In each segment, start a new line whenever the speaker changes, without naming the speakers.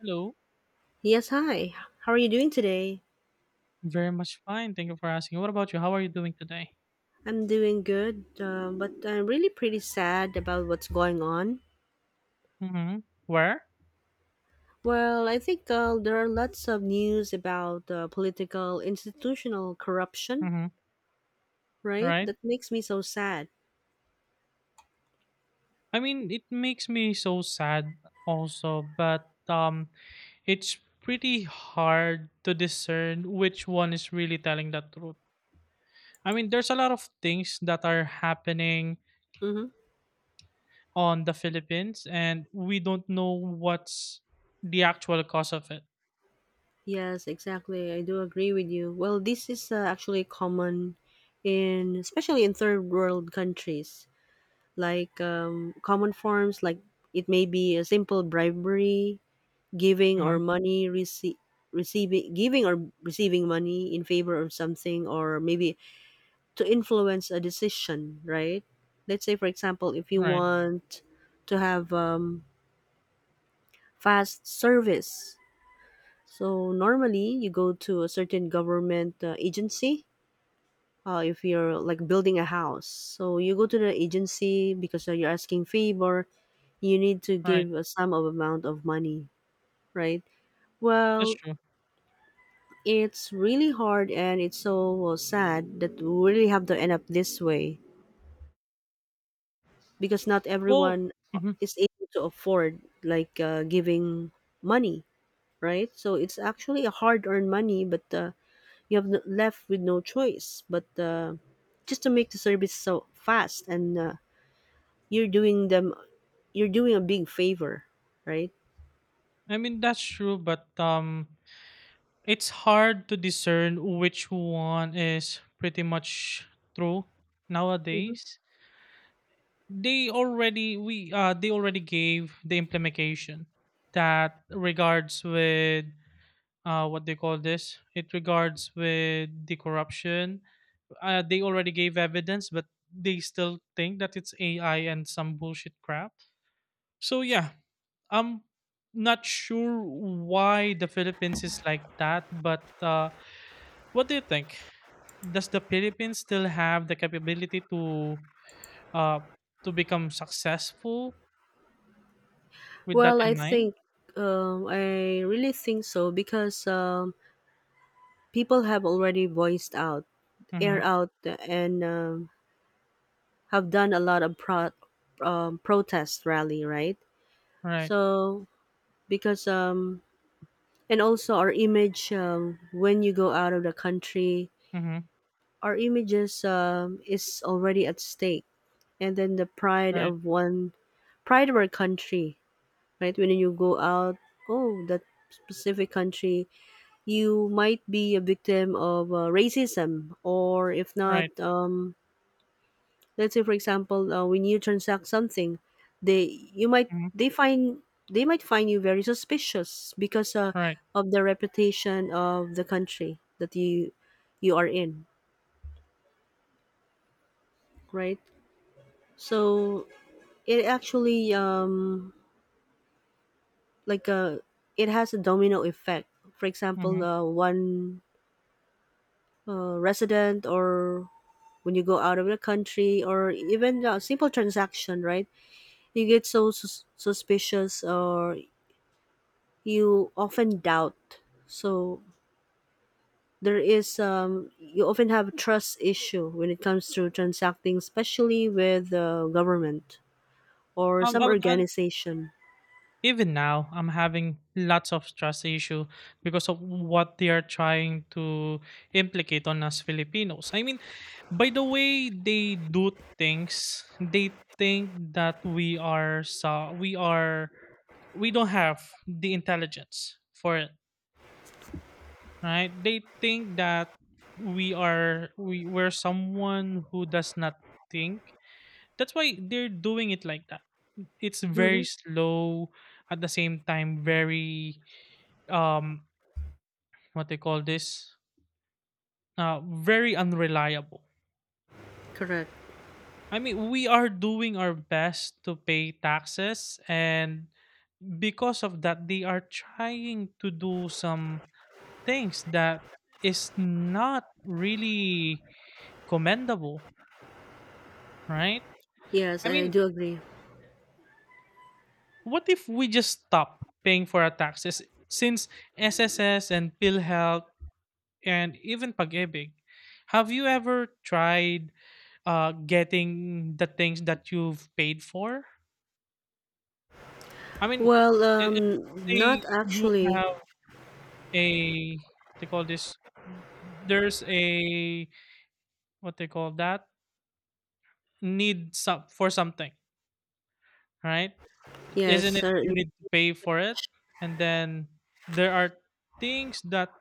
Hello.
Yes, hi. How are you doing today?
Very much fine. Thank you for asking. What about you? How are you doing today?
I'm doing good, but I'm really pretty sad about what's going on.
Mm-hmm. Where?
Well, I think there are lots of news about political institutional corruption,
Mm-hmm.
right?
Right.
That makes me so sad.
I mean, it makes me so sad also, but it's pretty hard to discern which one is really telling the truth. I mean, there's a lot of things that are happening
Mm-hmm.
on the Philippines, and we don't know what's the actual cause of it.
Yes, exactly. I do agree with you. Well, this is actually common in, especially in third world countries, like common forms, like it may be a simple bribery giving or
Hmm.
money receiving, giving or receiving money in favor of something, or maybe to influence a decision, right? Let's say, for example, if you
Right,
want to have fast service, so normally you go to a certain government agency. If you're like building a house, so you go to the agency because you're asking favor, you need to
right.
give a sum of amount of money, right?
That's
Well,
true.
it's really hard, and it's so sad that we really have to end up this way, because not
Well,
everyone
mhm.
is able to afford like giving money, right? So it's actually a hard-earned money, but you have left with no choice but just to make the service so fast. And you're doing them you're doing a big favor, right?
I mean, that's true, but it's hard to discern which one is pretty much true
Hmm.
nowadays. They already gave the implementation that regards with what they call this, it regards with the corruption. They already gave evidence, but they still think that it's AI and some bullshit crap. So yeah, I'm not sure why the Philippines is like that, but what do you think? Does the Philippines still have the capability uh to become successful with that
Well, i
in mind?
think um, i really think so, because people have already voiced out, air
Mm-hmm.
out, and have done a lot of protest rally, right?
Right.
So, because and also our image, when you go out of the country,
Mm-hmm.
our images is already at stake. And then the
Right.
pride of our country, right? When you go out, oh, that specific country, you might be a victim of racism, or if not
Right.
let's say, for example, when you transact something, they you might
Mm-hmm.
they find they might find you very suspicious, because
Right.
of the reputation of the country that you are in, right? So it actually like it has a domino effect. For example,
Mm-hmm.
one resident, or when you go out of the country, or even a simple transaction, right? You get so suspicious, or you often doubt. So there is you often have a trust issue when it comes to transacting, especially with the government or
Um,
some
um, um,
organization.
even now, I'm having lots of trust issue because of what they are trying to implicate on us Filipinos. I mean, by the way they do things, they think that we are so we are we don't have the intelligence for it, right? They think that we are we we're someone who does not think. That's why they're doing it like that. It's very
Hmm.
slow, at the same time very um what they call this, very unreliable.
Correct.
I mean, we are doing our best to pay taxes, and because of that they are trying to do some things that is not really commendable, right?
Yes,
I
I
mean,
do agree.
what if we just stop paying for our taxes since SSS and PhilHealth and even Pag-ibig? Have you ever tried getting the things that you've paid for? I mean,
Well,
i- i- let's say
not
you
actually.
have a, they call this, there's a, what they call that, need some for something, right?
Yes,
Isn't it
sir.
you need to pay for it? And then there are things that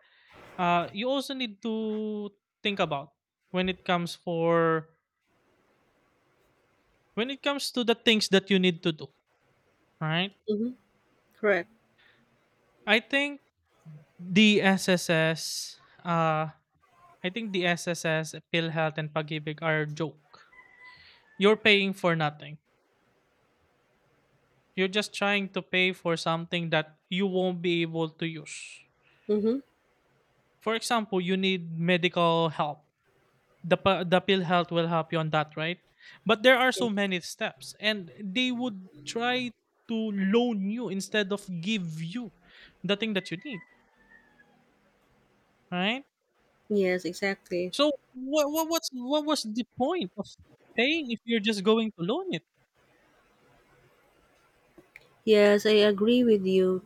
you also need to think about when it comes for when it comes to the things that you need to do. Right?
Hmm. Correct.
I think the SSS, uh, I think the SSS, PhilHealth, and Pagibig are a joke. You're paying for nothing. You're just trying to pay for something that you won't be able to use.
Mm-hmm.
For example, you need medical help, the pill health will help you on that, right? But there are
Yes.
so many steps and they would try to loan you instead of give you the thing that you need, right?
Yes, exactly.
So what was the point of paying if you're just going to loan it,
Yes, I agree with you,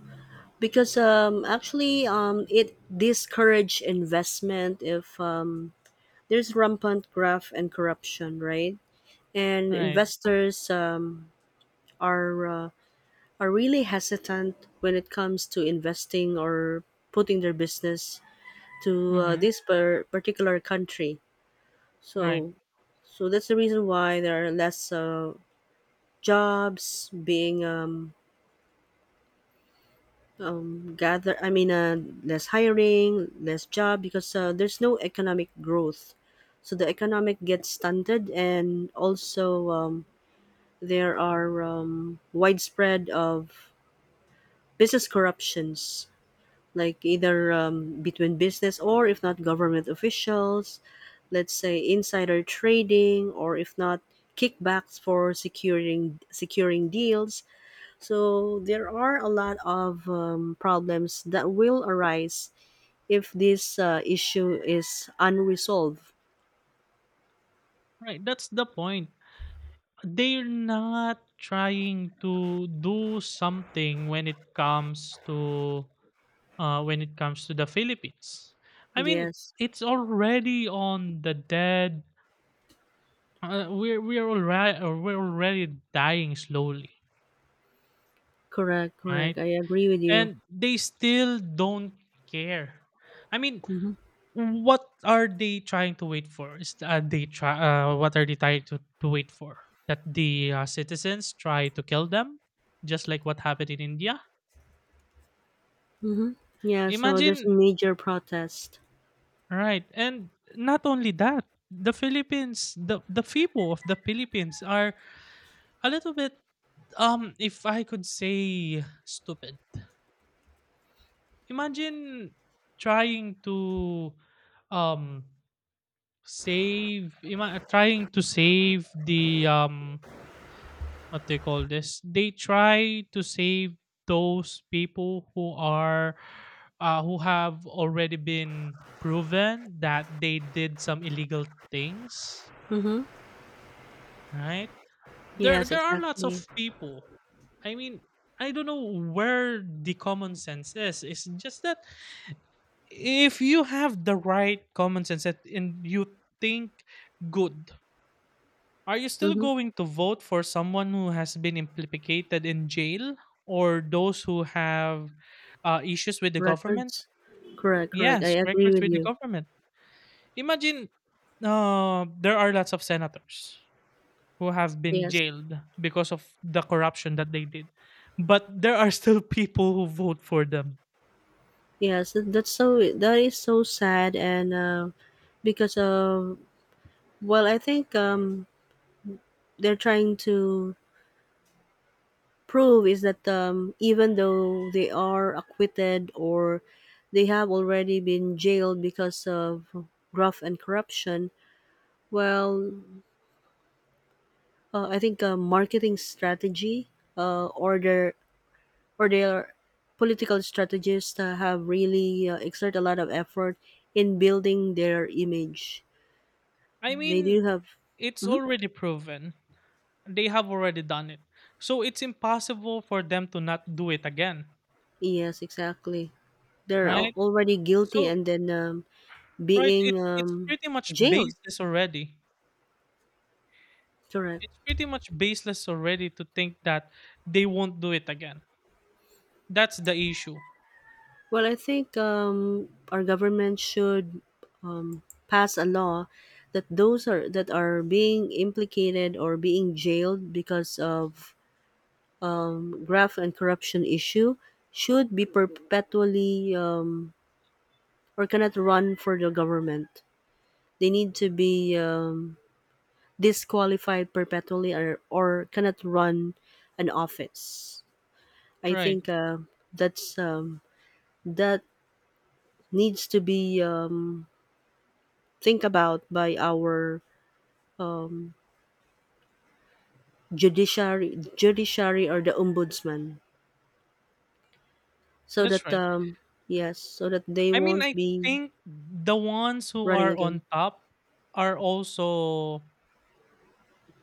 because actually it discourage investment if there's rampant graft and corruption, right? And
right?
investors are uh, are really hesitant when it comes to investing, or putting their business to
Mm-hmm.
this particular country.
Right,
So so that's the reason why there are less jobs being gather. I mean, less hiring, less job, because there's no economic growth. So the economic gets stunted, and also there are widespread of business corruptions, like either between business or if not government officials. Let's say insider trading, or if not kickbacks for securing deals. So there are a lot of problems that will arise if this issue is unresolved.
right, that's the point. They're not trying to do something when it comes to, when it comes to the Philippines. I mean,
Yes,
it's already on the dead. We're already dying slowly,
correct, correct,
right?
I agree with you.
And they still don't care. I mean,
Mhm.
what are they trying to wait for? Is they try? What are they trying to wait for? That the citizens try to kill them, just like what happened in India.
Mhm. Yeah, so there's
Imagine.
a major protest.
Right. And not only that, the people of the Philippines are a little bit, if I could say, stupid. Imagine trying to um trying to save the, what they call this. They try to save those people who are who have already been proven that they did some illegal things,
Mhm.
right? There
Yes,
there are lots of
exactly.
people. I mean, I don't know where the common sense is. It's just that if you have the right common sense and you think good, are you still
Mhm.
going to vote for someone who has been implicated in jail or those who have issues with the government?
Records. Correct, correct. I
Yes,
agree
records
with
with the
you.
government. Imagine, there are lots of senators who have been
Yes.
jailed because of the corruption that they did. But there are still people who vote for them.
Yes, that is so sad, and because of, well, I think they're trying to prove is that even though they are acquitted, or they have already been jailed because of graft and corruption. Well, I think marketing strategy, or their political strategists have really exert a lot of effort in building their image.
I
They
mean,
do have.
it's
Mhm.
already proven. They have already done it. So it's impossible for them to not do it again,
Yes, exactly. They're
right?
already guilty,
So
and then
right,
being
it's pretty much
jailed.
baseless already.
Correct.
It's pretty much baseless already to think that they won't do it again. That's the issue,
Well, I think our government should pass a law that those are that are being implicated, or being jailed because of graft and corruption issue, should be perpetually or cannot run for the government. They need to be disqualified perpetually, or cannot run an office. I
right?
think that's that needs to be think about by our um, judiciary or the ombudsman, so
That's
that
right.
yes, so that they
I mean,
won't
I
be
think the ones who
running
are
again.
on top are also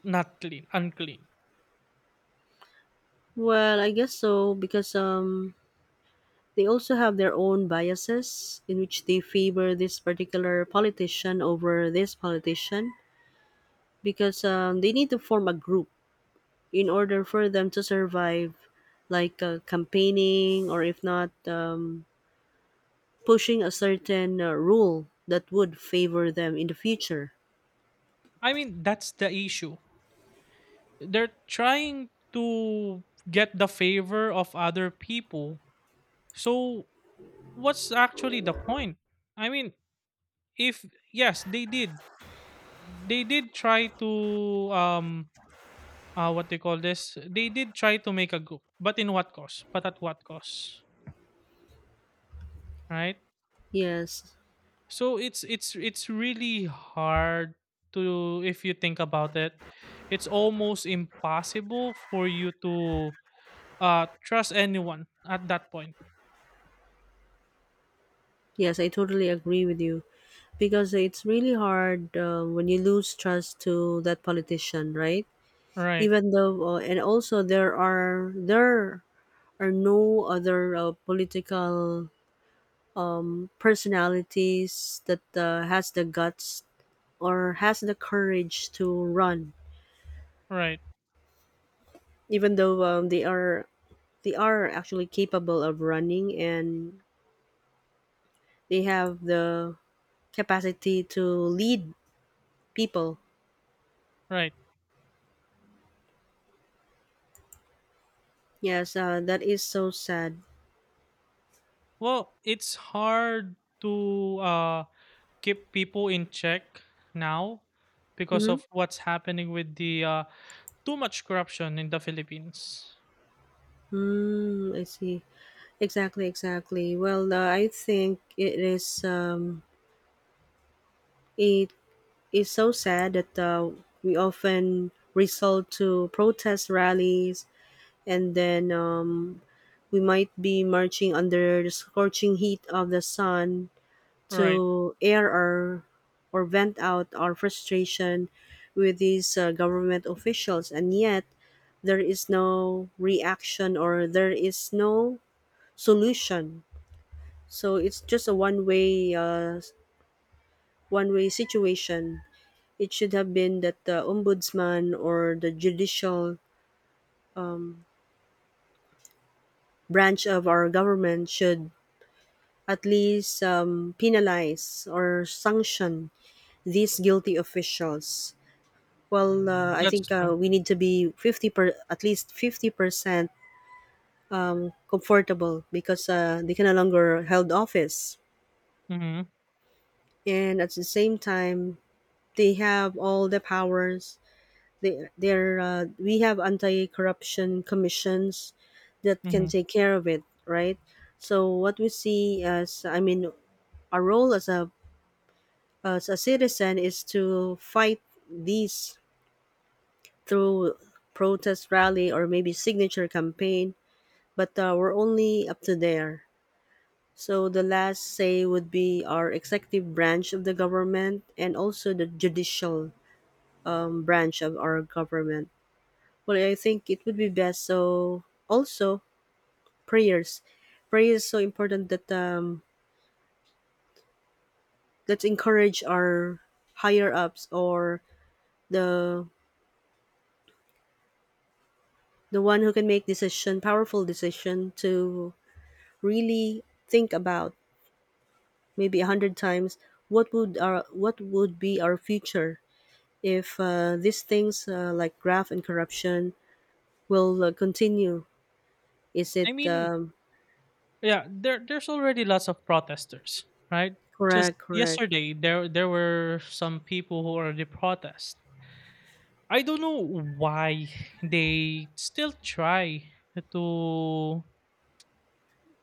not clean, unclean.
Well, I guess so, because they also have their own biases, in which they favor this particular politician over this politician, because they need to form a group in order for them to survive, like campaigning, or if not pushing a certain rule that would favor them in the future.
I mean, that's the issue. They're trying to get the favor of other people. So, what's actually the point? I mean, if yes, they did. They did try to um what they call this? They did try to make a group, but in what cost? But at what cost? Right?
Yes,
So it's really hard to, if you think about it, it's almost impossible for you to trust anyone at that point.
yes, I totally agree with you, because it's really hard, when you lose trust to that politician, right?
Right,
Even though and also there are no other political personalities that has the guts, or has the courage to run,
right,
even though they are actually capable of running, and they have the capacity to lead people.
right.
Yes, that is so sad.
Well, it's hard to keep people in check now because
Mm-hmm.
of what's happening with the too much corruption in the Philippines.
I see. Exactly, exactly. Well, I think it is a It's so sad that we often resort to protest rallies. And then we might be marching under the scorching heat of the sun
Right.
to air our, or vent out our frustration with these government officials, and yet there is no reaction, or there is no solution. So it's just a one way situation. It should have been that the ombudsman or the judicial um, branch of our government should at least penalize or sanction these guilty officials. Well, I
That's
think
true.
we need to be 50 per at least 50% comfortable, because they can no longer held office,
Mhm.
and at the same time they have all the powers. We have anti-corruption commissions that can
Mhm.
take care of it, right? So what we see, as I mean, our role as a citizen is to fight these through protest rally or maybe signature campaign. But we're only up to there. So the last say would be our executive branch of the government, and also the judicial branch of our government. Well, I think it would be best, so also prayers. Prayer is so important that let's encourage our higher ups, or the the one who can make decision, powerful decision, to really think about maybe a hundred times what would our what would be our future if these things, like graft and corruption, will continue. Is
I
it
mean, yeah, there there's already lots of protesters, right? Just
correct? Correct.
yesterday there there were some people who already protest. I don't know why they still try to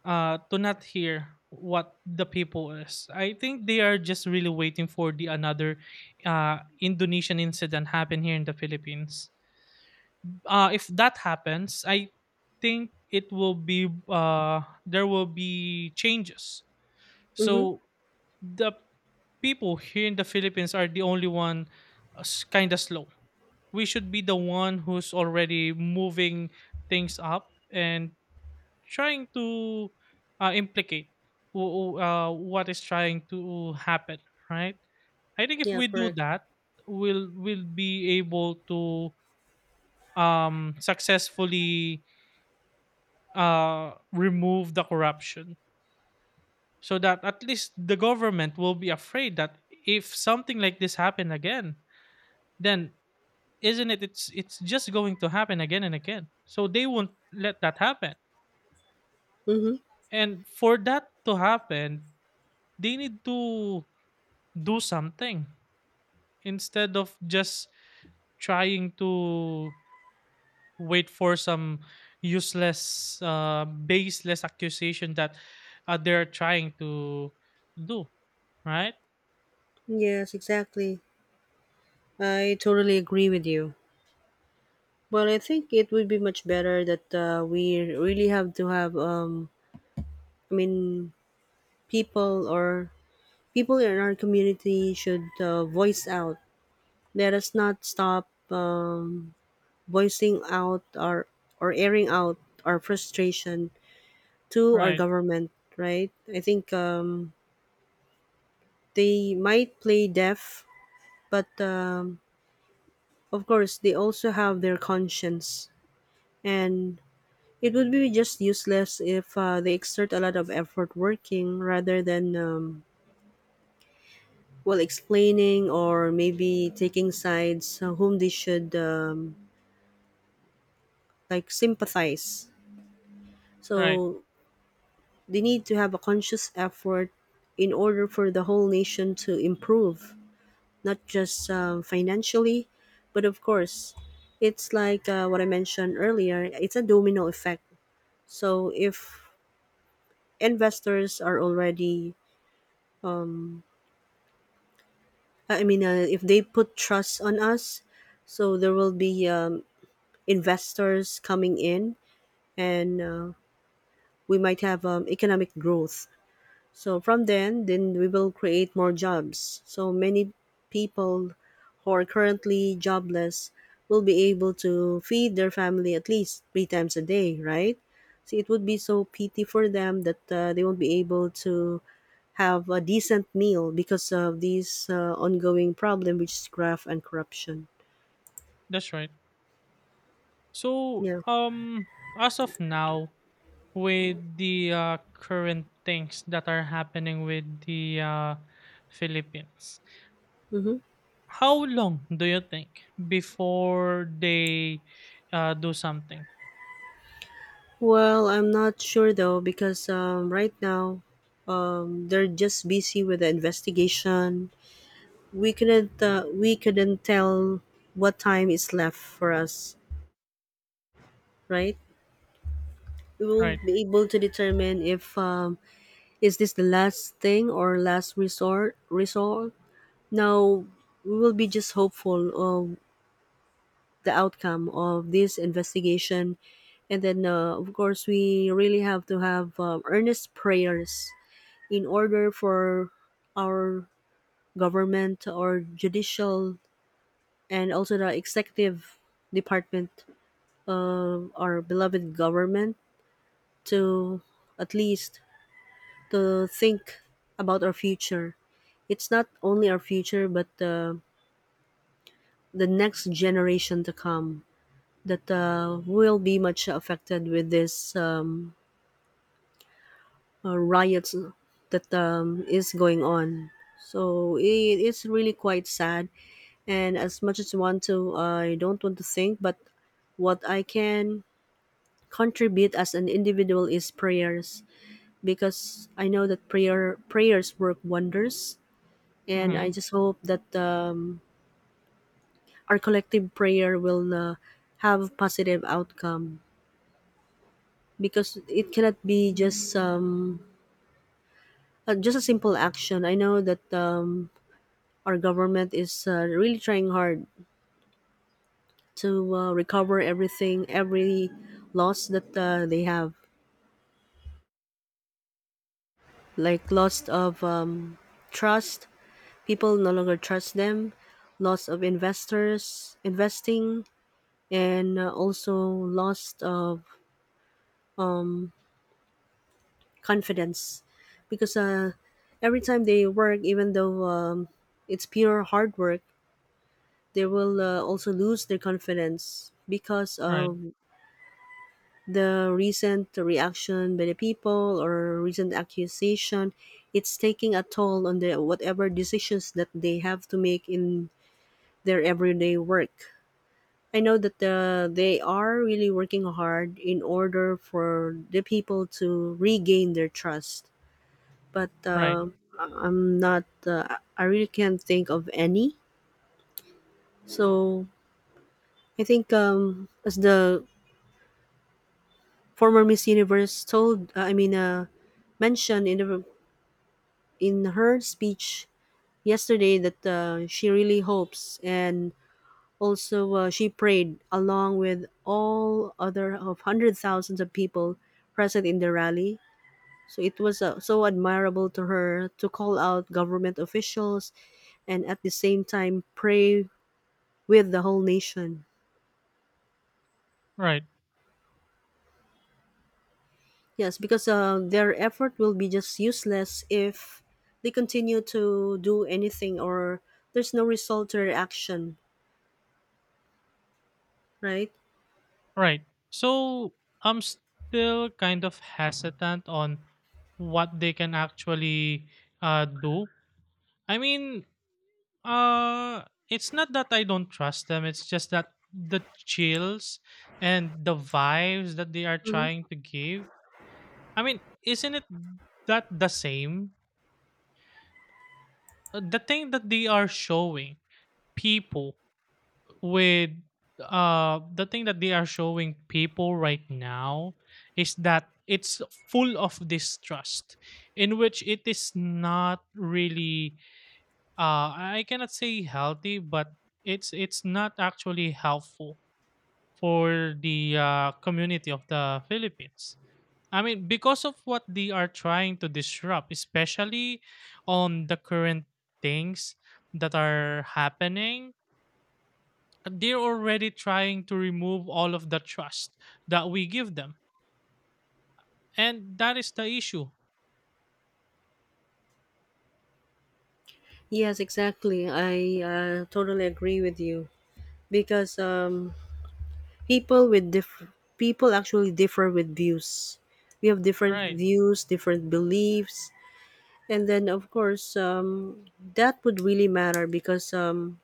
to not hear what the people is. I think they are just really waiting for the another Indonesian incident happen here in the Philippines. Uh, if that happens, I think it will be, there will be changes.
Mm-hmm.
So the people here in the Philippines are the only one kind of slow. We should be the one who's already moving things up and trying to implicate what is trying to happen, right? I think if
Yeah.
we do
Correct.
that, we'll be able to successfully remove the corruption, so that at least the government will be afraid that if something like this happen again, then isn't it, it's just going to happen again and again, so they won't let that happen.
Mm-hmm.
And for that to happen, they need to do something instead of just trying to wait for some useless, baseless accusation that they're trying to do, right?
Yes. Exactly. I totally agree with you. Well, I think it would be much better that we really have to have. I mean, people or people in our community should voice out. Let us not stop voicing out our, or airing out our frustration to our
Right,
government. Right? I think they might play deaf, but of course they also have their conscience. And it would be just useless if they exert a lot of effort working rather than, well, explaining or maybe taking sides whom they should like sympathize.
right.
So they need to have a conscious effort in order for the whole nation to improve, not just financially, but of course, it's like what I mentioned earlier, it's a domino effect. So if investors are already um, I mean, if they put trust on us, so there will be investors coming in, and we might have economic growth. So from then we will create more jobs. So many people who are currently jobless will be able to feed their family at least 3 times a day, right? See, it would be so pity for them that they won't be able to have a decent meal because of these ongoing problem, which is graft and corruption.
That's right. so
Yeah.
um as of now with the current things that are happening with the, Philippines.
hmm
How long do you think before they do something?
well, I'm not sure though, because right now they're just busy with the investigation. We couldn't tell what time is left for us, right? We will
Right.
not be able to determine if is this the last thing, or last resort now. We will be just hopeful the outcome of this investigation. And then, of course, we really have to have earnest prayers in order for our government or judicial, and also the executive department of our beloved government, to at least to think about our future. It's not only our future, but the next generation to come, that will be much affected with this riots that is going on. So it's really quite sad. And as much as I want to, I don't want to think, but what I can contribute as an individual is prayers because I know that prayers work wonders, and
Mm-hmm.
I just hope that our collective prayer will have positive outcome because it cannot be just a simple action. I know that our government is really trying hard to recover everything, every loss that they have, like loss of trust. People no longer trust them, loss of investors investing, and also loss of confidence, because every time they work, even though it's pure hard work, they will also lose their confidence because
Right.
of the recent reaction by the people or recent accusation. It's taking a toll on the whatever decisions that they have to make in their everyday work. I know that they are really working hard in order for the people to regain their trust, but
Right.
I'm not, I really can't think of any. So I think as the former Miss Universe told I mean mentioned in the in her speech yesterday that she really hopes and also she prayed along with all other of hundred thousands of people present in the rally. So it was so admirable to her to call out government officials and at the same time pray with the whole nation.
Right.
Yes, because their effort will be just useless if they continue to do anything or there's no result to their action, right?
Right. So I'm still kind of hesitant on what they can actually do. I mean, Uh, it's not that I don't trust them. It's just that the chills and the vibes that they are trying to give. I mean, isn't it that the same? The thing that they are showing people with The thing that they are showing people right now is that it's full of distrust, in which it is not really, I cannot say healthy, but it's not actually helpful for the, community of the Philippines. I mean, because of what they are trying to disrupt, especially on the current things that are happening, they're already trying to remove all of the trust that we give them, and that is the issue,
Yes, exactly. I totally agree with you because people actually differ with views. We have different
right?
views, different beliefs, and then of course that would really matter because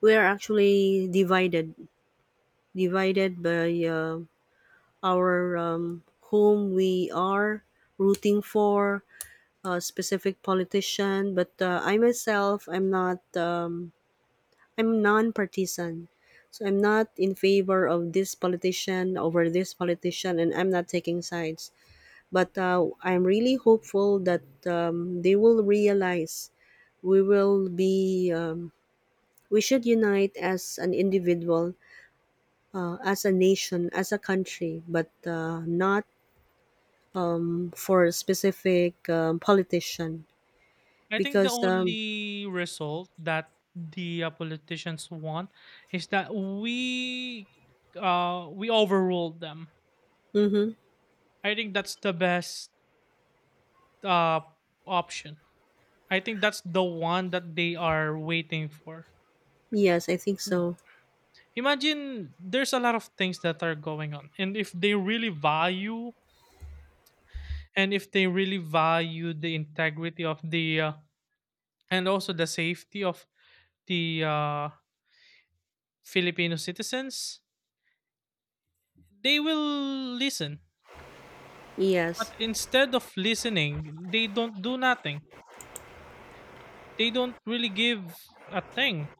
we are actually divided, divided by our whom we are rooting for, a specific politician. But I myself, I'm not. I'm non-partisan. So I'm not in favor of this politician over this politician, and I'm not taking sides. But I'm really hopeful that they will realize we will be, we should unite as an individual, as a nation, as a country, but not for a specific politician.
I think the
Because,
only result that the politicians want is that we overruled them.
mhm,
I think that's the best uh option. I think that's the one that they are waiting for.
yes, I think so.
Imagine there's a lot of things that are going on, and if they really value and if they really value the integrity of the, and also the safety of the Filipino citizens, they will listen. But
Yes,
instead of listening, they don't do nothing. They don't really give a thing.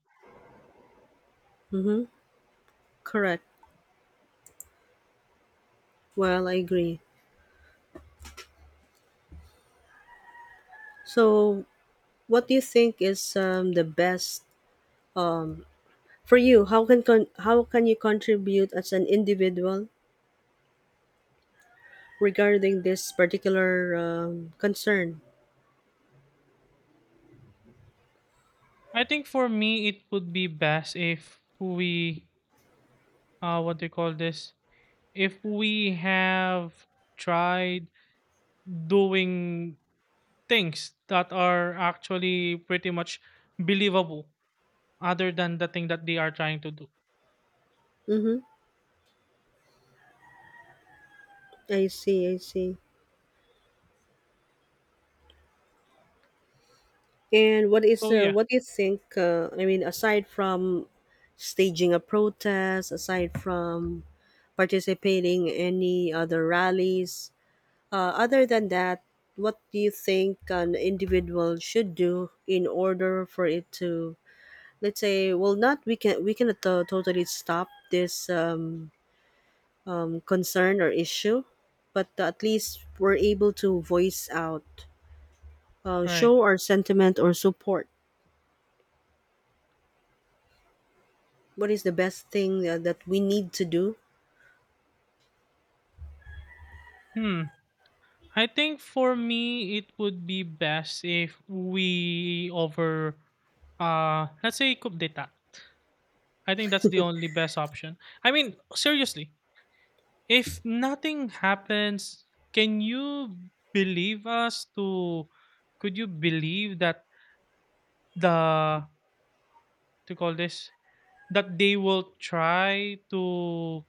mm-hmm, correct. Well, I agree. So what do you think is the best for you? How can how can you contribute as an individual regarding this particular concern?
I think for me, it would be best if we, what do you call this? If we have tried doing things that are actually pretty much believable, other than the thing that they are trying to do.
Mm-hmm. I see. I see. And what is
So yeah,
what do you think? I mean, aside from staging a protest, aside from participating any other rallies, other than that, what do you think an individual should do in order for it to, let's say, well, not, we can, we cannot totally stop this concern or issue, but at least we're able to voice out,
right.
show our sentiment or support. What is the best thing that we need to do?
Hmm. I think for me, it would be best if we over, let's say coup d'etat. I think that's the only best option. I mean, seriously, if nothing happens, can you believe us to? Could you believe that the, to call this, that they will try to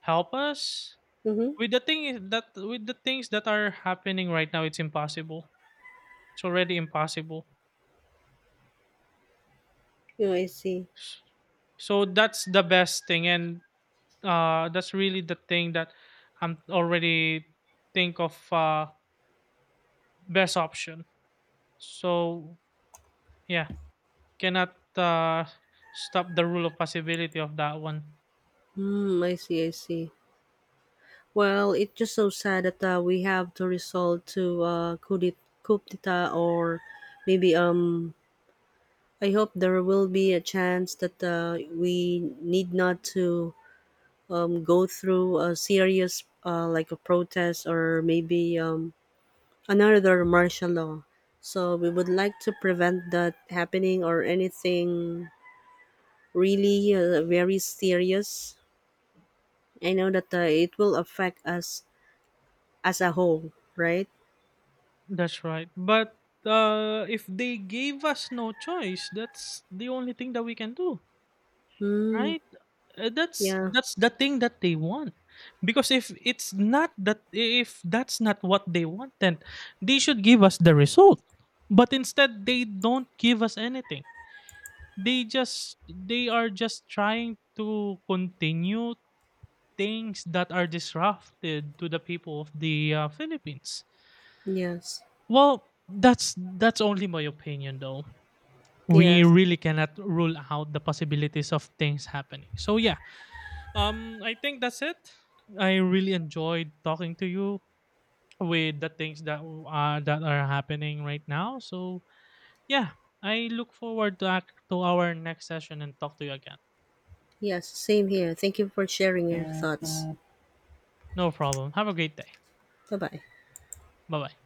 help us
Mm-hmm.
with the things that are happening right now? It's impossible. It's already impossible.
Yeah, I see.
So that's the best thing, and that's really the thing that I'm already think of, best option. So yeah, cannot stop the rule of possibility of that one.
Hmm. I see. I see. Well, it's just so sad that we have to resort to coup d'et- coup d'etat, or maybe I hope there will be a chance that we need not to go through a serious like a protest, or maybe another martial law. So we would like to prevent that happening or anything really very serious. I know that it will affect us as a whole, right?
That's right, but if they gave us no choice, that's the only thing that we can do.
Mm,
Right?
yeah.
That's the thing that they want. Because if it's not that, if that's not what they want, then they should give us the result. But instead they don't give us anything. They are just trying to continue things that are disrupted to the people of the, Philippines.
Yes.
Well, that's only my opinion though. We
Yes.
really cannot rule out the possibilities of things happening. So yeah, um, I think that's it. I really enjoyed talking to you with the things that that are happening right now. So yeah, I look forward to act to our next session and talk to you again.
Yes. Same here. Thank you for sharing your thoughts.
No problem. Have a great day.
Bye bye.
Bye bye.